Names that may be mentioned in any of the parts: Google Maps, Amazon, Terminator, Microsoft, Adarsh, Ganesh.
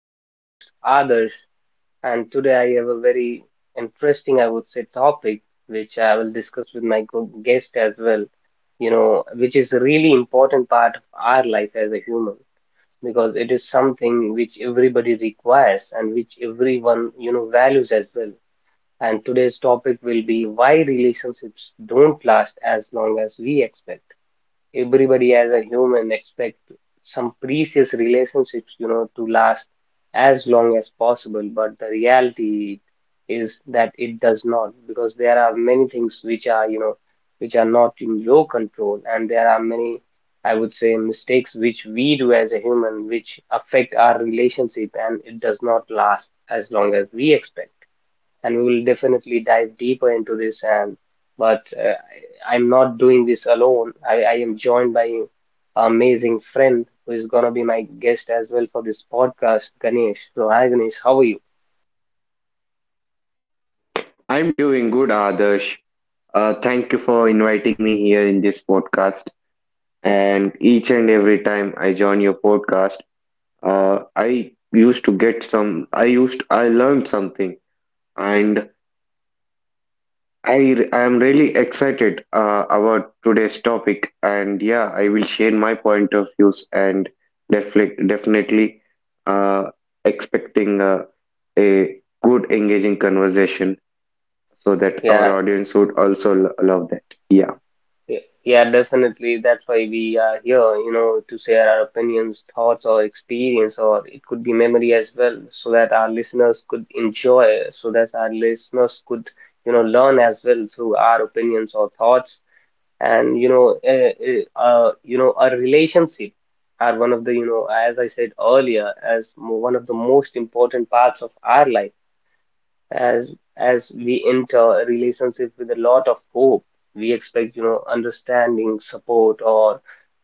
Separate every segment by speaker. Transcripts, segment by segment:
Speaker 1: I'm your host Adarsh, and today I have a very interesting, I would say, topic which I will discuss with my guest as well. You know, which is a really important part of our life as a human because it is something which everybody requires and which everyone, values as well. And today's topic will be why relationships don't last as long as we expect. Everybody as a human expect some precious relationships, you know, to last as long as possible, but the reality is that it does not, because there are many things which are, which are not in your control, and there are many, I would say, mistakes which we do as a human, which affect our relationship and it does not last as long as we expect. And we will definitely dive deeper into this, and but I'm not doing this alone. I am joined by an amazing friend who is gonna be my guest as well for this podcast, Ganesh. So hi Ganesh, how are you?
Speaker 2: I'm doing good, Adarsh. Thank you for inviting me here in this podcast. And each and every time I join your podcast, I used to get some, I used, learned something, and I am really excited about today's topic. And yeah, I will share my point of views and definitely uh, expecting a good, engaging conversation, so that our
Speaker 1: Yeah,
Speaker 2: audience would also love that. Yeah.
Speaker 1: yeah, definitely. That's why we are here, you know, to share our opinions, thoughts, or experience, or it could be memory as well, so that our listeners could enjoy, so that our listeners could, you know, learn as well through our opinions or thoughts. And you know you know, our relationship are one of the, you know, as I said earlier, as one of the most important parts of our life, as as we enter a relationship with a lot of hope. We expect, you know, understanding, support, or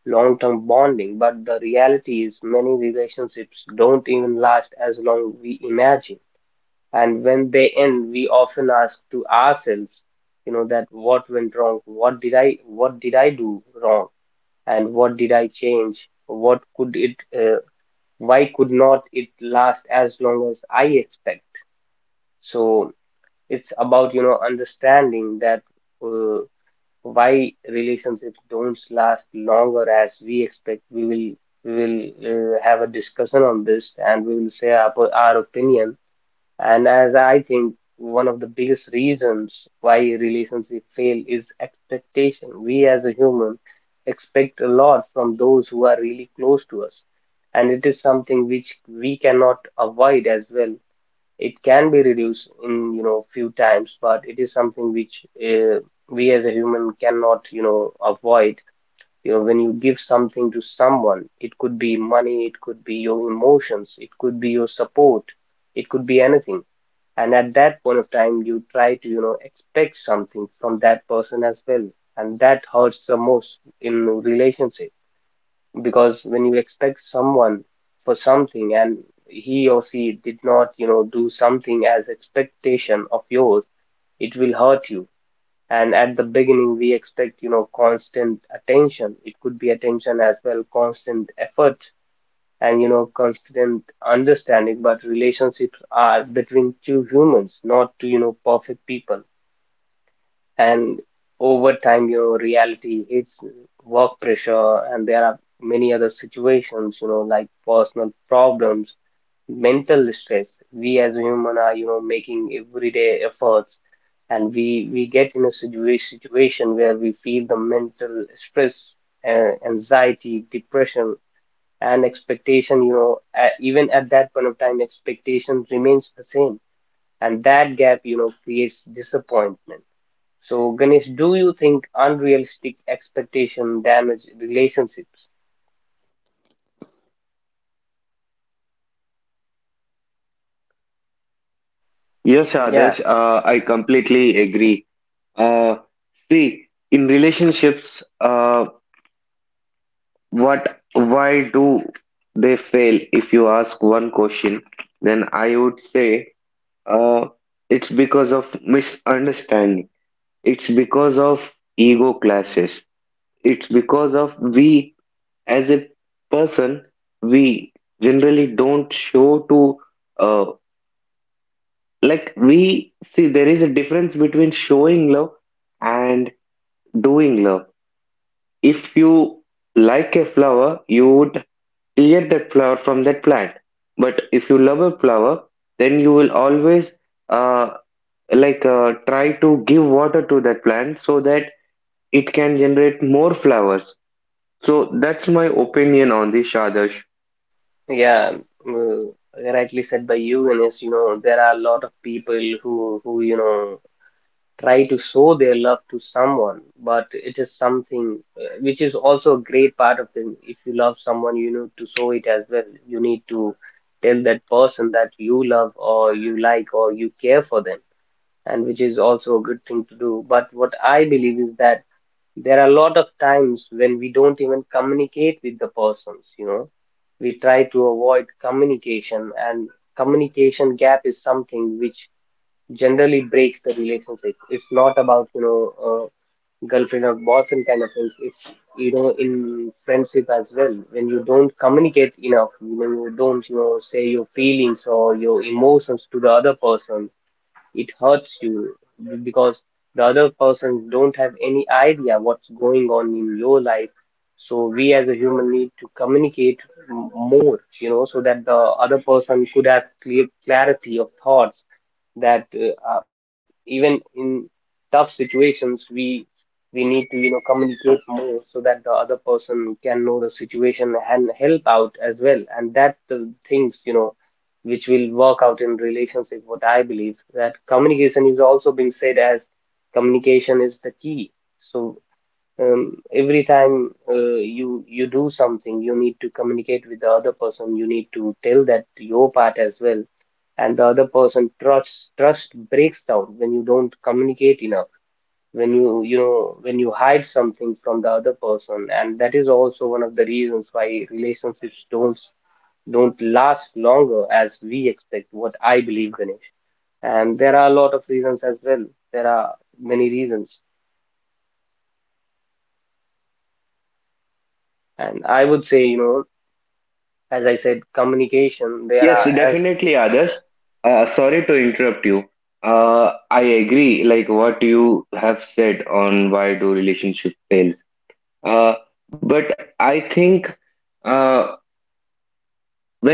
Speaker 1: long-term bonding, but the reality is many relationships don't even last as long we imagine. And when they end, we often ask to ourselves, you know, that what went wrong? What did I do wrong? And what did I change? What could it, why could not it last as long as I expect? So it's about, you know, understanding that uh, why relationships don't last longer as we expect. We will have a discussion on this, and we will say our opinion. And as I think, one of the biggest reasons why relationships fail is expectation. We as a human expect a lot from those who are really close to us, and it is something which we cannot avoid as well. It can be reduced in, you know, few times, but it is something which we as a human cannot, you know, avoid. You know, when you give something to someone, it could be money, it could be your emotions, it could be your support, it could be anything. And at that point of time you try to, you know, expect something from that person as well, and that hurts the most in relationship, because when you expect someone for something and he or she did not, you know, do something as expectation of yours, it will hurt you. And at the beginning we expect, you know, constant attention, it could be attention as well, constant effort and, you know, constant understanding. But relationships are between two humans, not two, you know, perfect people. And over time, you know, reality hits. Work pressure and there are many other situations, you know, like personal problems, mental stress. We as a human are, you know, making everyday efforts, and we get in a situation where we feel the mental stress, anxiety, depression. And expectation, you know, even at that point of time expectation remains the same, and that gap, you know, creates disappointment. So Ganesh, do you think unrealistic expectation damage relationships?
Speaker 2: Yes,
Speaker 1: Yeah.
Speaker 2: Adarsh, I completely agree. Uh, See, in relationships, what, why do they fail? If you ask one question, then I would say uh, it's because of misunderstanding. It's because of ego clashes. It's because of we, as a person, we generally don't show to uh, like, we see there is a difference between showing love and doing love. If you a flower, you would tear that flower from that plant, but if you love a flower, then you will always uh, like, try to give water to that plant so that it can generate more flowers. So that's my opinion on this, Shada.
Speaker 1: Yeah, rightly said by you Ganesh. You know, there are a lot of people who, you know, try to show their love to someone, but it is something which is also a great part of them. If you love someone, you need to show it as well. You need to tell that person that you love or you like or you care for them, and which is also a good thing to do. But what I believe is that there are a lot of times when we don't even communicate with the persons, you know. We try to avoid communication, and communication gap is something which generally breaks the relationship. It's not about, you know, uh, girlfriend or boyfriend kind of things. It's, you know, in friendship as well. When you don't communicate enough, when you don't, you know, say your feelings or your emotions to the other person, it hurts you, because the other person don't have any idea what's going on in your life. So we as a human need to communicate more, you know, so that the other person could have clear clarity of thoughts, that uh, even in tough situations we need to, you know, communicate more, so that the other person can know the situation and help out as well. And that the things, you know, which will work out in relationship. What I believe that communication is also being said as communication is the key. So every time you do something, you need to communicate with the other person, you need to tell that your part as well. And the other person trust breaks down when you don't communicate enough, when you know when you hide something from the other person. And that is also one of the reasons why relationships don't last longer as we expect, what I believe, Ganesh. And there are a lot of reasons as well. There are many reasons. And I would say, you know, as I said, communication,
Speaker 2: Yes,
Speaker 1: there
Speaker 2: yes,
Speaker 1: are as
Speaker 2: definitely, Adarsh. Sorry to interrupt you. I agree, like what you have said on why do relationship fails. Uh, but I think uh,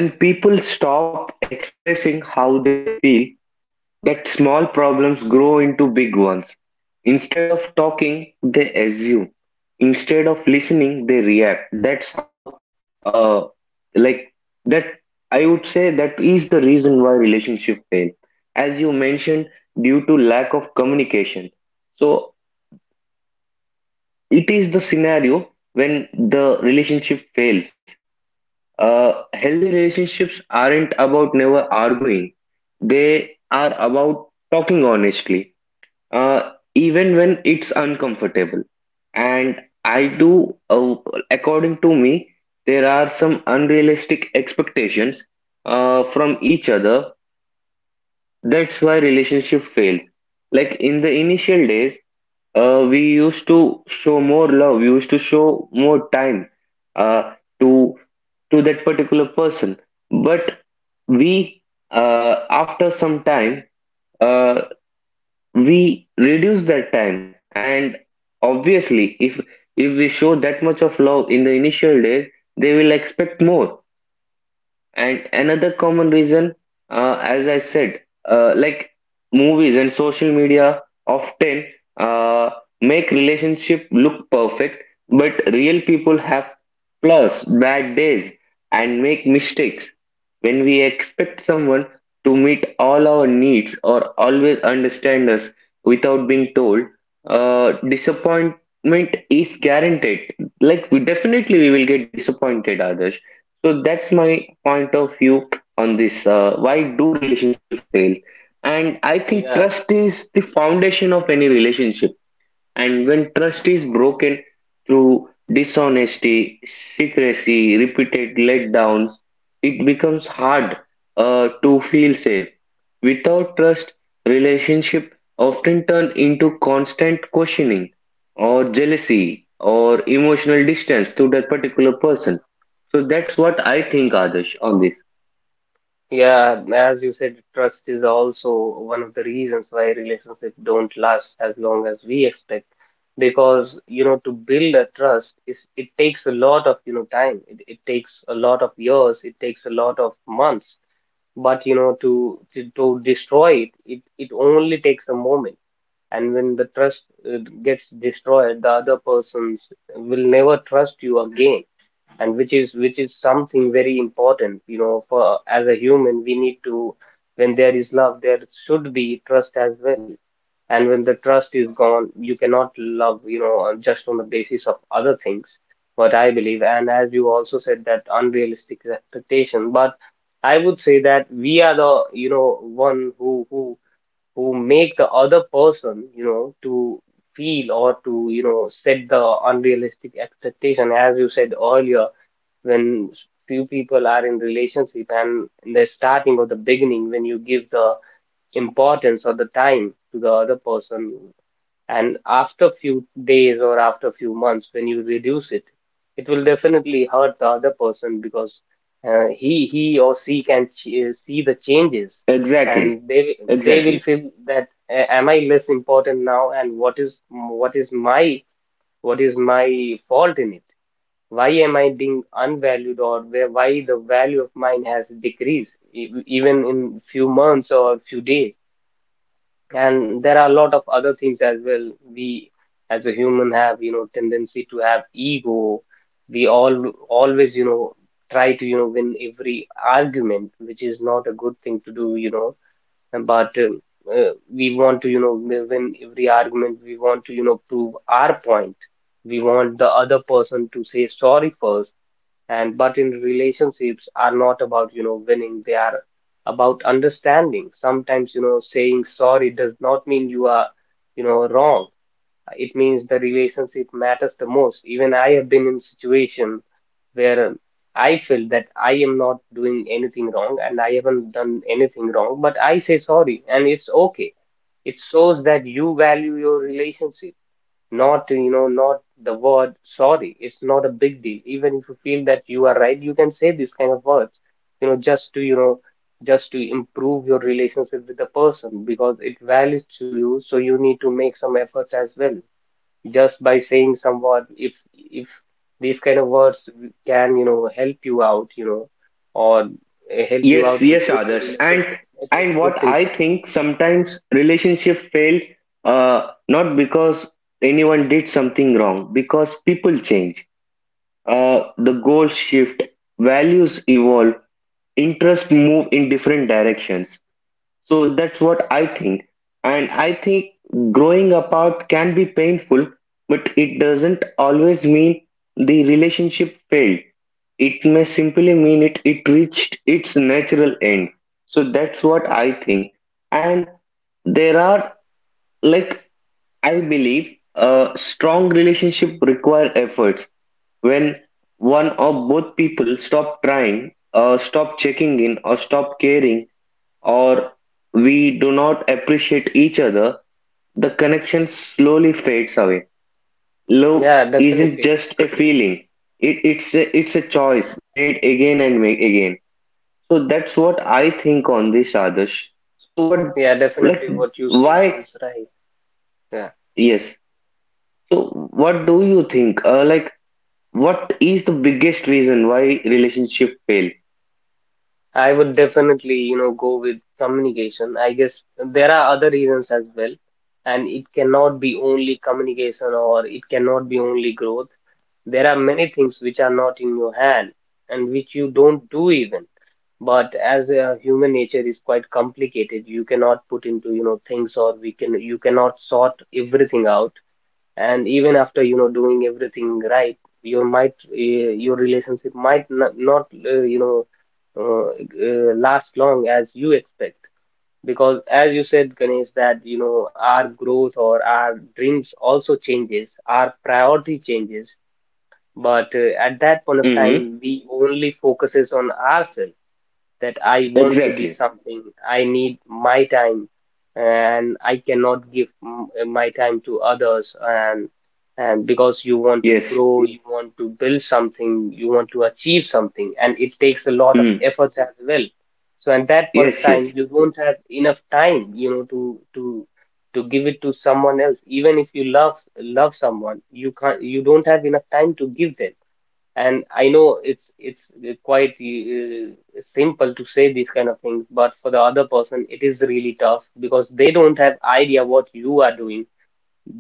Speaker 2: when people stop expressing how they feel, that small problems grow into big ones. Instead of talking, they assume. Instead of listening, they react. That's how, uh, like that. I would say that is the reason why relationship fail, as you mentioned, due to lack of communication. So it is the scenario when the relationship fails. Healthy relationships aren't about never arguing. They are about talking honestly, even when it's uncomfortable. And I do, according to me, there are some unrealistic expectations from each other. That's why relationship fails. Like in the initial days, we used to show more love, we used to show more time uh, to that particular person. But we, after some time, uh, we reduce that time, and obviously if we show that much of love in the initial days, they will expect more. And another common reason, as I said, like, movies and social media often uh, make relationship look perfect, but real people have flaws, bad days, and make mistakes. When we expect someone to meet all our needs or always understand us without being told, disappointment is guaranteed. Like, we definitely we will get disappointed, others, so that's my point of view on this. Why do relationship fail? And I think
Speaker 1: yeah,
Speaker 2: trust is the foundation of any relationship. And when trust is broken through dishonesty, secrecy, repeated letdowns, it becomes hard to feel safe. Without trust, relationship often turn into constant questioning or jealousy or emotional distance to that particular person. So that's what I think, Adesh, on this.
Speaker 1: yeah, as you said, trust is also one of the reasons why relationships don't last as long as we expect. Because, you know, to build a trust is it takes a lot of, you know, time. It takes a lot of years, it takes a lot of months, but you know, to to destroy it, it only takes a moment. And when the trust gets destroyed, the other persons will never trust you again. And which is something very important, you know. For as a human we need to, when there is love, there should be trust as well. And when the trust is gone, you cannot love, you know, just on the basis of other things, what I believe. And as you also said that unrealistic expectation, but I would say that we are the, you know, one who who make the other person, you know, to feel or to, you know, set the unrealistic expectation, as you said earlier. When few people are in relationship and in the starting or the beginning, when you give the importance or the time to the other person, and after few days or after few months when you reduce it, it will definitely hurt the other person, because he or she can see the changes,
Speaker 2: Exactly.
Speaker 1: and they will
Speaker 2: Exactly.
Speaker 1: feel that Am I less important now? And what is my fault in it? Why am I being unvalued, or where, why the value of mine has decreased even in few months or few days?" And there are a lot of other things as well. We as a human have, you know, tendency to have ego. We all always, you know, try to, you know, win every argument, which is not a good thing to do, you know. But we want to, you know, win every argument. We want to, you know, prove our point. We want the other person to say sorry first. And but in relationships are not about, you know, winning. They are about understanding. Sometimes, you know, saying sorry does not mean you are, you know, wrong. It means the relationship matters the most. Even I have been in situation where I feel that I am not doing anything wrong and I haven't done anything wrong, but I say sorry and it's okay. It shows that you value your relationship, not, you know, not the word sorry. It's not a big deal. Even if you feel that you are right, you can say this kind of words, you know, just to, you know, just to improve your relationship with the person, because it values to you, so you need to make some efforts as well. Just by saying some word, if these kind of words can, you know, help you out, you know, or help you
Speaker 2: Yes,
Speaker 1: out to
Speaker 2: yes,
Speaker 1: grow your
Speaker 2: Adarsh. And
Speaker 1: relationship, it is
Speaker 2: and what
Speaker 1: good thing to
Speaker 2: I
Speaker 1: do.
Speaker 2: think, sometimes relationship fail not because anyone did something wrong, because people change. The goals shift, values evolve, interests move in different directions. So that's what I think. And I think growing apart can be painful, but it doesn't always mean the relationship failed. It may simply mean it reached its natural end. So that's what I think. And there are, like, I believe, a strong relationship require efforts. When one or both people stop trying or stop checking in or stop caring, or we do not appreciate each other, the connection slowly fades away. Love
Speaker 1: Yeah,
Speaker 2: isn't
Speaker 1: definitely.
Speaker 2: just a feeling. It's a choice made again and made again. So that's what I think on this, Adarsh. So what,
Speaker 1: Yeah,
Speaker 2: like
Speaker 1: definitely, what you said
Speaker 2: why
Speaker 1: is right. Yeah,
Speaker 2: yes. So what do you think? Like, what is the biggest reason why relationship fail?
Speaker 1: I would definitely, you know, go with communication. I guess there are other reasons as well, and it cannot be only communication or it cannot be only growth. There are many things which are not in your hand and which you don't do even. But as human nature is quite complicated, you cannot put into, you know, things or we can you cannot sort everything out, and even after, you know, doing everything right, your relationship might not uh, last long as you expect, because as you said, Ganesh, that, you know, our growth or our dreams also changes, our priority changes. But at that point of
Speaker 2: Mm-hmm.
Speaker 1: time, we only focuses on ourselves, that I want to be
Speaker 2: Exactly.
Speaker 1: something. I need my time, and I cannot give my time to others. And because you want to
Speaker 2: Yes.
Speaker 1: grow, you want to build something, you want to achieve something, and it takes a lot of
Speaker 2: Mm.
Speaker 1: efforts as well. So at that point of
Speaker 2: Yes.
Speaker 1: time,
Speaker 2: Yes.
Speaker 1: you won't have enough time, you know, to give it to someone else. Even if you love someone, you can't, you don't have enough time to give them. And I know it's quite simple to say these kind of things, but for the other person, it is really tough because they don't have idea what you are doing.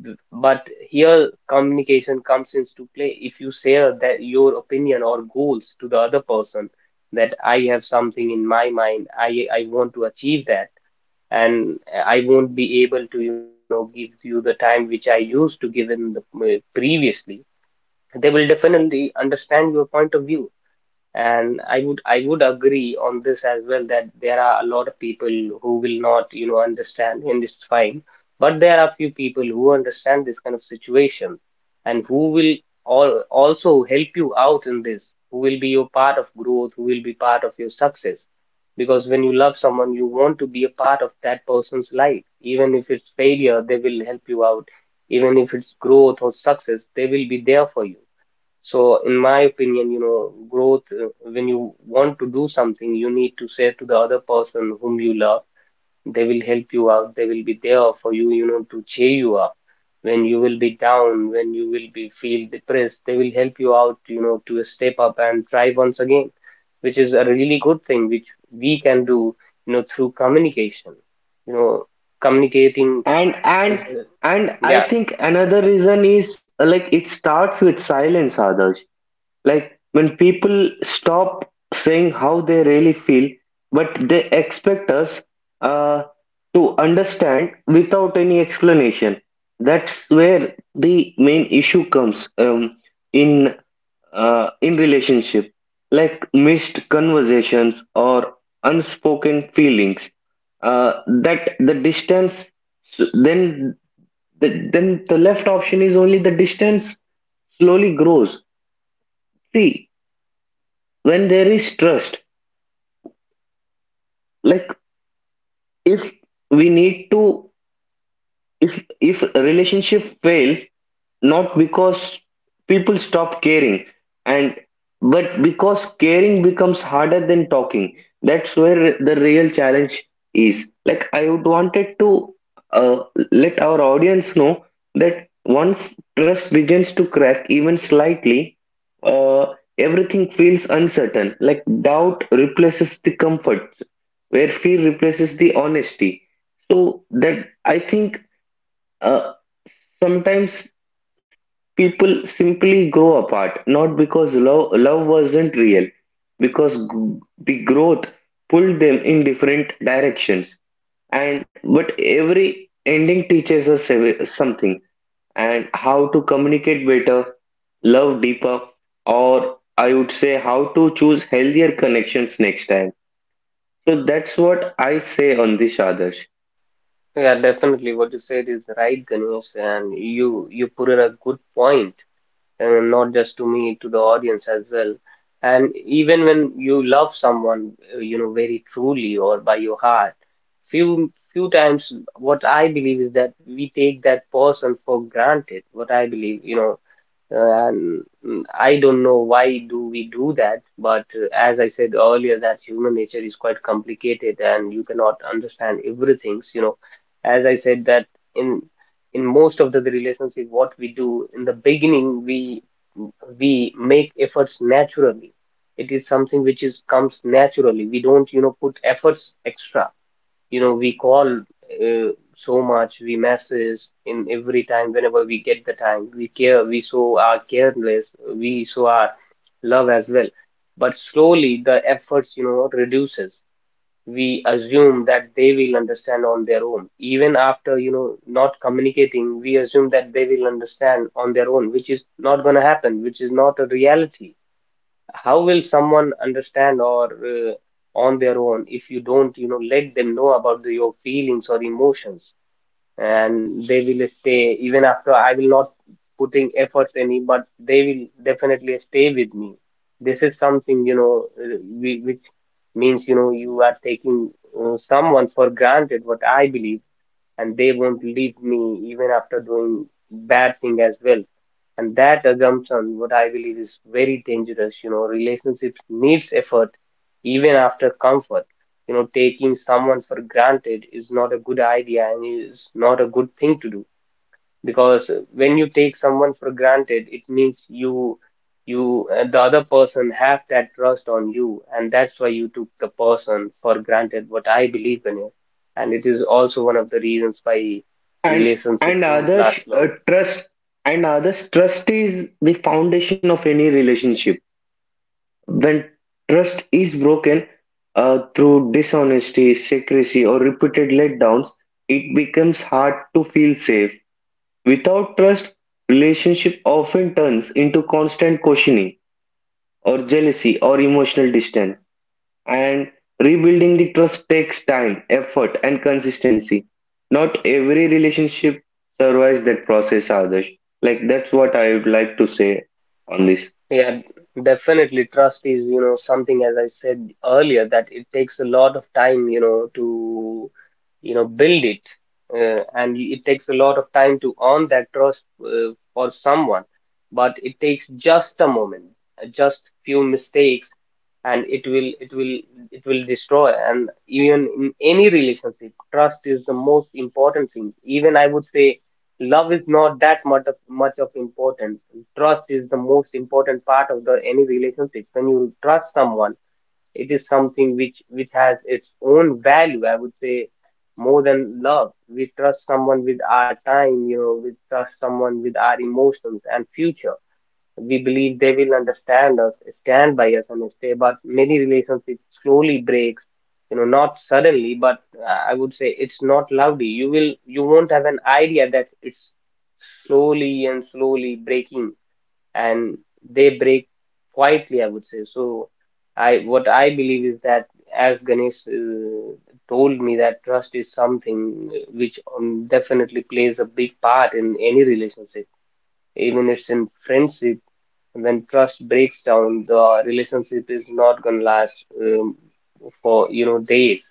Speaker 1: But here, communication comes into play. If you share that your opinion or goals to the other person, that I have something in my mind, I want to achieve that, and I won't be able to, you know, give you the time which I used to give in the previously. They will definitely understand your point of view, and I would agree on this as well, that there are a lot of people who will not, you know, understand, and it's fine. But there are few people who understand this kind of situation and who will all also help you out in this, who will be your part of growth, who will be part of your success. Because when you love someone, you want to be a part of that person's life. Even if it's failure, they will help you out. Even if it's growth or success, they will be there for you. So, in my opinion, you know, growth, when you want to do something, you need to say to the other person whom you love, they will help you out, they will be there for you, you know, to cheer you up. When you will be down, when you will be feel depressed, they will help you out, you know, to step up and try once again, which is a really good thing, which we can do, you know, through communication. You know, communicating
Speaker 2: And
Speaker 1: is,
Speaker 2: and
Speaker 1: yeah.
Speaker 2: I think another reason is like, it starts with silence, others, like when people stop saying how they really feel but they expect us uh, to understand without any explanation. That's where the main issue comes in in relationship, like missed conversations or unspoken feelings, uh, that the distance, then the left option is only the distance slowly grows. See, when there is trust, like, if we need to if a relationship fails, not because people stop caring, and but because caring becomes harder than talking. That's where the real challenge is. Like, I would wanted to uh, let our audience know that once trust begins to crack even slightly, uh, everything feels uncertain, like doubt replaces the comfort, where fear replaces the honesty. So that I think, uh, sometimes people simply grow apart, not because love wasn't real, because the growth pulled them in different directions. And but every ending teaches us something, and how to communicate better, love deeper, or I would say how to choose healthier connections next time. So that's what I say on this, Adarsh.
Speaker 1: Yeah, definitely. What you said is right, Ganesh, and you put in a good point, and not just to me, to the audience as well. And even when you love someone, you know, very truly or by your heart, few times, what I believe is that we take that person for granted. What I believe, you know, and I don't know why do we do that, but as I said earlier, that human nature is quite complicated and you cannot understand everything. You know, as I said that in in most of the relationship, what we do in the beginning, we make efforts naturally. It is something which is comes naturally. We don't, you know, put efforts extra, you know, we call, uh, so much we message, in every time whenever we get the time, we care, we show our careless, we show our love as well. But slowly the efforts, you know, reduces. We assume that they will understand on their own, even after, you know, not communicating. We assume that they will understand on their own, which is not going to happen, which is not a reality. How will someone understand or on their own if you don't, you know, let them know about your feelings or emotions, and they will stay even after I will not putting efforts any, but they will definitely stay with me. This is something, you know, which means, you know, you are taking someone for granted, what I believe, and they won't leave me even after doing bad thing as well. And that assumption, what I believe, is very dangerous. You know, relationships needs effort even after comfort. You know, taking someone for granted is not a good idea and is not a good thing to do. Because when you take someone for granted, it means you you the other person have that trust on you, and that's why you took the person for granted, what I believe in it. And it is also one of the reasons why
Speaker 2: and
Speaker 1: relationship
Speaker 2: and
Speaker 1: don't
Speaker 2: others,
Speaker 1: last long.
Speaker 2: trust, and others, trust is the foundation of any relationship. When trust is broken through dishonesty, secrecy, or repeated letdowns, it becomes hard to feel safe. Without trust, relationship often turns into constant questioning or jealousy or emotional distance. And rebuilding the trust takes time, effort, and consistency. Not every relationship survives that process, Adarsh. Like, that's what I would like to say on this.
Speaker 1: Yeah, definitely. Trust is, you know, something, as I said earlier, that it takes a lot of time, you know, to, you know, build it. And it takes a lot of time to earn that trust for someone. But it takes just a moment, just few mistakes, and it will destroy. And even in any relationship, trust is the most important thing. Even I would say love is not that much of importance. Trust is the most important part of the any relationship. When you trust someone, it is something which has its own value. I would say more than love. We trust someone with our time, you know. We trust someone with our emotions and future. We believe they will understand us, stand by us, and stay. But many relationships slowly breaks. You know, not suddenly, but I would say it's not loudly. You won't have an idea that it's slowly and slowly breaking, and they break quietly, I would say so. I What I believe is that, as Ganesh told me, that trust is something which definitely plays a big part in any relationship, even if it's in friendship. When trust breaks down, the relationship is not gonna last, um, for, you know, days.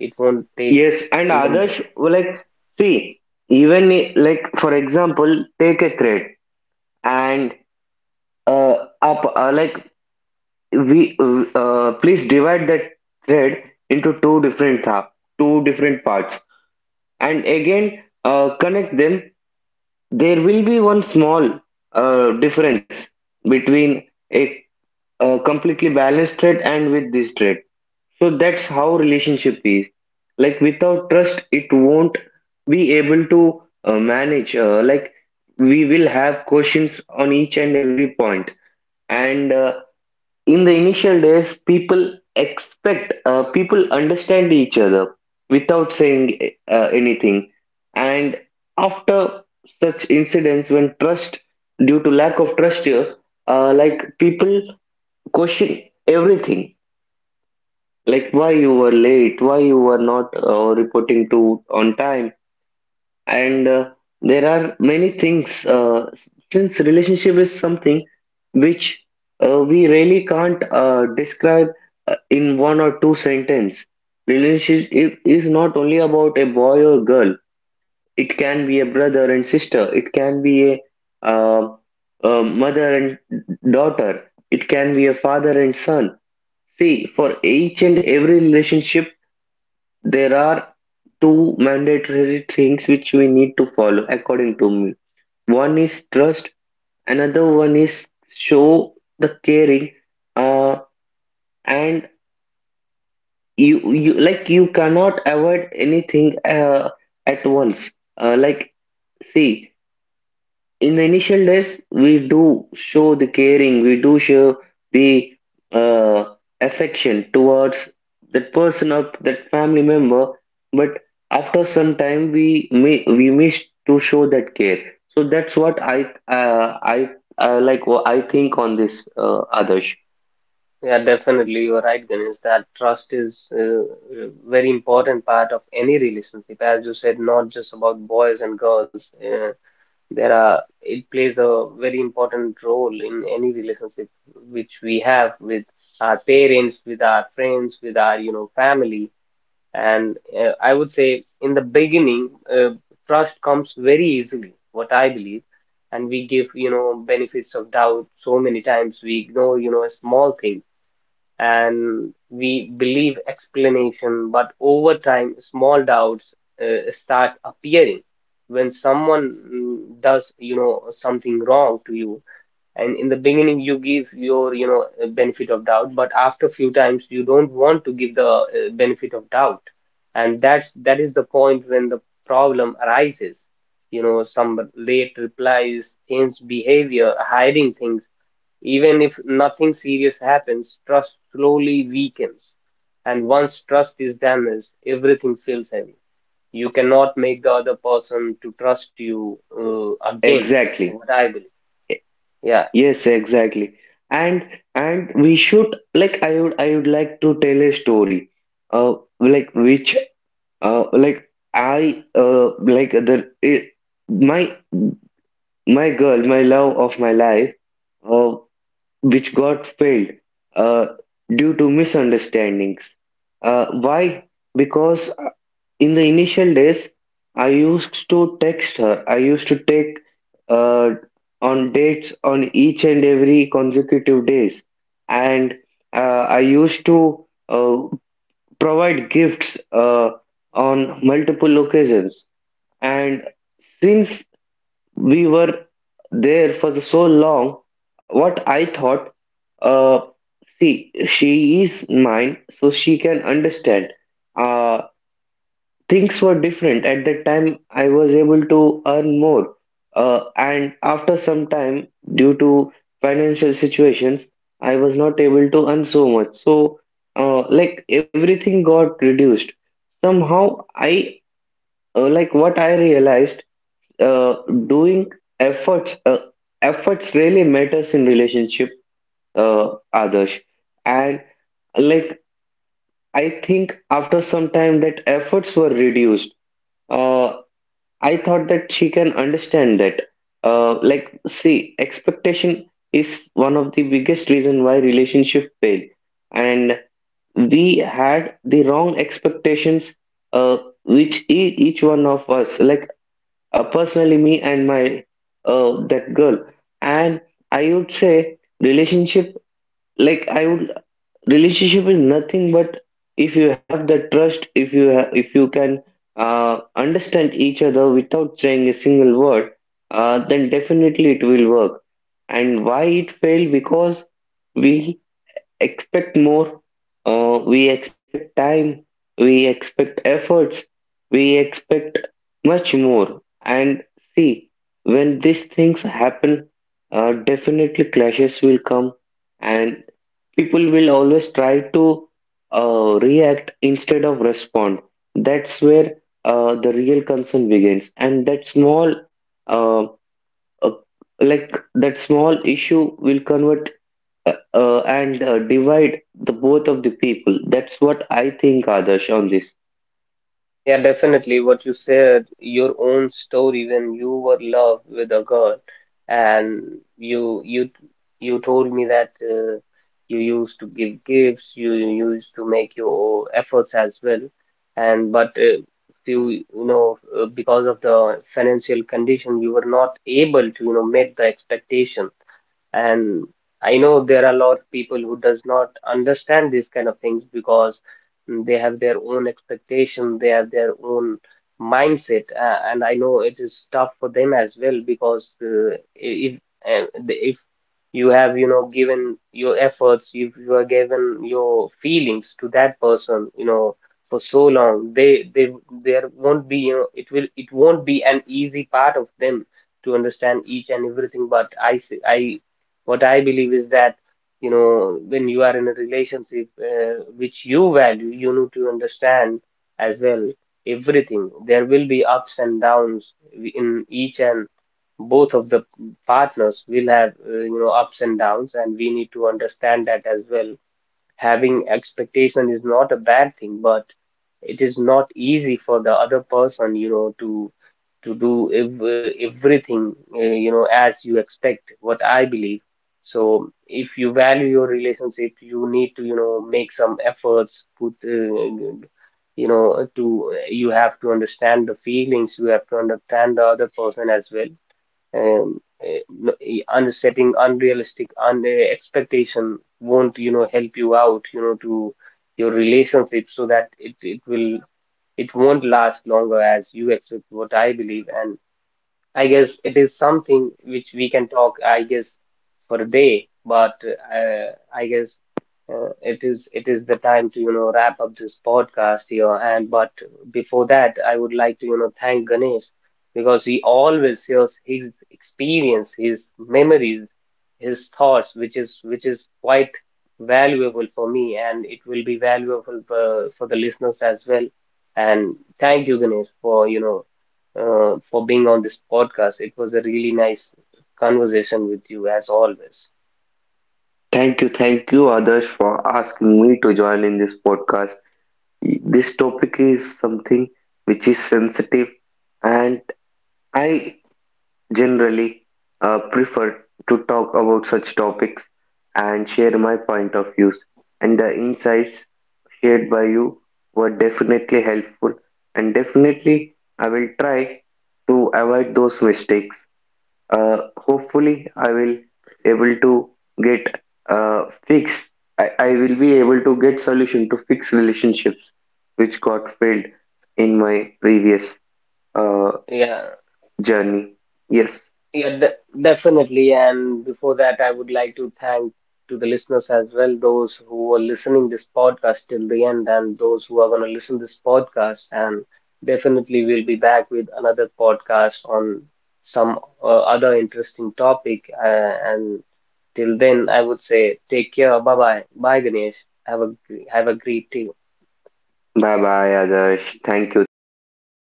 Speaker 1: It won't take
Speaker 2: Yes, and
Speaker 1: even
Speaker 2: Adarsh,
Speaker 1: day.
Speaker 2: like, see, even like, for example, take a thread and uh, like, we please divide that thread into two different half, two different parts, and again connect them. There will be one small difference between a, a completely balanced threat and with this threat. So that's how relationship is. Like, without trust, it won't be able to manage. Like, we will have questions on each and every point, and in the initial days people expect people understand each other without saying anything. And after such incidents, when trust, due to lack of trust here, like, people question everything, like why you were late, why you were not reporting to on time. And there are many things since relationship is something which we really can't describe in one or two sentence. Relationship is not only about a boy or girl, it can be a brother and sister, it can be uh, a mother and daughter, it can be a father and son. See, for each and every relationship, there are two mandatory things which we need to follow, according to me. One is trust, another one is show the caring, uh, and you, like, you cannot avoid anything at once. Like, see, in the initial days we do show the caring, we do show the uh, affection towards that person or that family member, but after some time we may we miss to show that care. So that's what I like, what I think on this, others.
Speaker 1: Yeah, definitely, you're right, Ganesh, that trust is a very important part of any relationship. As you said, not just about boys and girls, there are, it plays a very important role in any relationship which we have with our parents, with our friends, with our, you know, family. And I would say in the beginning, trust comes very easily, what I believe. And we give, you know, benefits of doubt so many times. We ignore, you know, a small thing and we believe explanation. But over time, small doubts start appearing. When someone does, you know, something wrong to you, and in the beginning you give your, you know, benefit of doubt, but after a few times you don't want to give the benefit of doubt, and that is the point when the problem arises. You know, some late replies, changed behavior, hiding things, even if nothing serious happens, trust slowly weakens. And once trust is damaged, everything feels heavy. You cannot make the other person to trust you again,
Speaker 2: Exactly.
Speaker 1: what I believe. Yeah.
Speaker 2: Yes, exactly. And and we should, like, I would like to tell a story, uh, like which Uh, like I uh like my girl, my love of my life, uh, which got failed uh due to misunderstandings. Why? Because in the initial days, I used to text her. I used to take uh on dates on each and every consecutive days, and I used to provide gifts on multiple occasions. And since we were there for the so long, what I thought, uh, see, she is mine, so she can understand. Uh, Things were different at that time, I was able to earn more and after some time, due to financial situations, I was not able to earn so much. So, like, everything got reduced somehow. I like, what I realized, uh, doing efforts, efforts really matters in relationship, uh, others. And, like, I think after some time that efforts were reduced. uh, I thought that she can understand that. Like, see, expectation is one of the biggest reason why relationship fail, and we had the wrong expectations. Uh, which each one of us, like, personally me and my that girl. And I would say relationship. Like I would Relationship is nothing but if you have the trust, if if you can understand each other without saying a single word, then definitely it will work. And why it failed? Because we expect more, we expect time, we expect efforts, we expect much more. And see, when these things happen, definitely clashes will come, and people will always try to react instead of respond. That's where the real concern begins, and that small, uh, uh, like, that small issue will convert and divide the both of the people. That's what I think, Adarsh, on this.
Speaker 1: Yeah, definitely. What you said, your own story when you were loved with a girl, and you told me that you used to give gifts, you used to make your efforts as well, and but you, you know, because of the financial condition, you were not able to, you know, meet the expectation. And I know there are a lot of people who does not understand these kind of things, because they have their own expectation, they have their own mindset, and I know it is tough for them as well. Because if if you have, you know, given your efforts, if you are given your feelings to that person, you know, for so long, they there won't be, you know, it will, it won't be an easy part of them to understand each and everything. But I see, what I believe is that, you know, when you are in a relationship which you value, you need to understand as well everything. There will be ups and downs in each, and both of the partners will have, you know, ups and downs, and we need to understand that as well. Having expectation is not a bad thing, but it is not easy for the other person, you know, to do everything, you know, as you expect, what I believe. So if you value your relationship, you need to, you know, make some efforts, put, you know, to, you have to understand the feelings, you have to understand the other person as well. Unsetting unrealistic un expectation won't, you know, help you out, you know, to your relationship, so that it will, it won't last longer as you expect, what I believe. And I guess it is something which we can talk, I guess, for a day, but I guess it is, it is the time to, you know, wrap up this podcast here. And but before that, I would like to, you know, thank Ganesh, because he always shares his experience, his memories, his thoughts, which is quite valuable for me, and it will be valuable for the listeners as well. And thank you, Ganesh, for, you know, for being on this podcast. It was a really nice conversation with you, as always.
Speaker 2: Thank you, Adarsh, for asking me to join in this podcast. This topic is something which is sensitive, and I generally prefer to talk about such topics and share my point of views. And the insights shared by you were definitely helpful, and definitely I will try to avoid those mistakes. Hopefully I will able to get fix I will be able to get solution to fix relationships which got failed in my previous uh,
Speaker 1: Yeah,
Speaker 2: journey. Yes.
Speaker 1: yeah, de definitely. And before that, I would like to thank to the listeners as well, those who are listening this podcast till the end, and those who are going to listen this podcast. And definitely, we'll be back with another podcast on some other interesting topic. And till then, I would say, take care. Bye bye. Bye, Ganesh. Have a have a great day.
Speaker 2: Bye bye, Adarsh, thank you, thank you for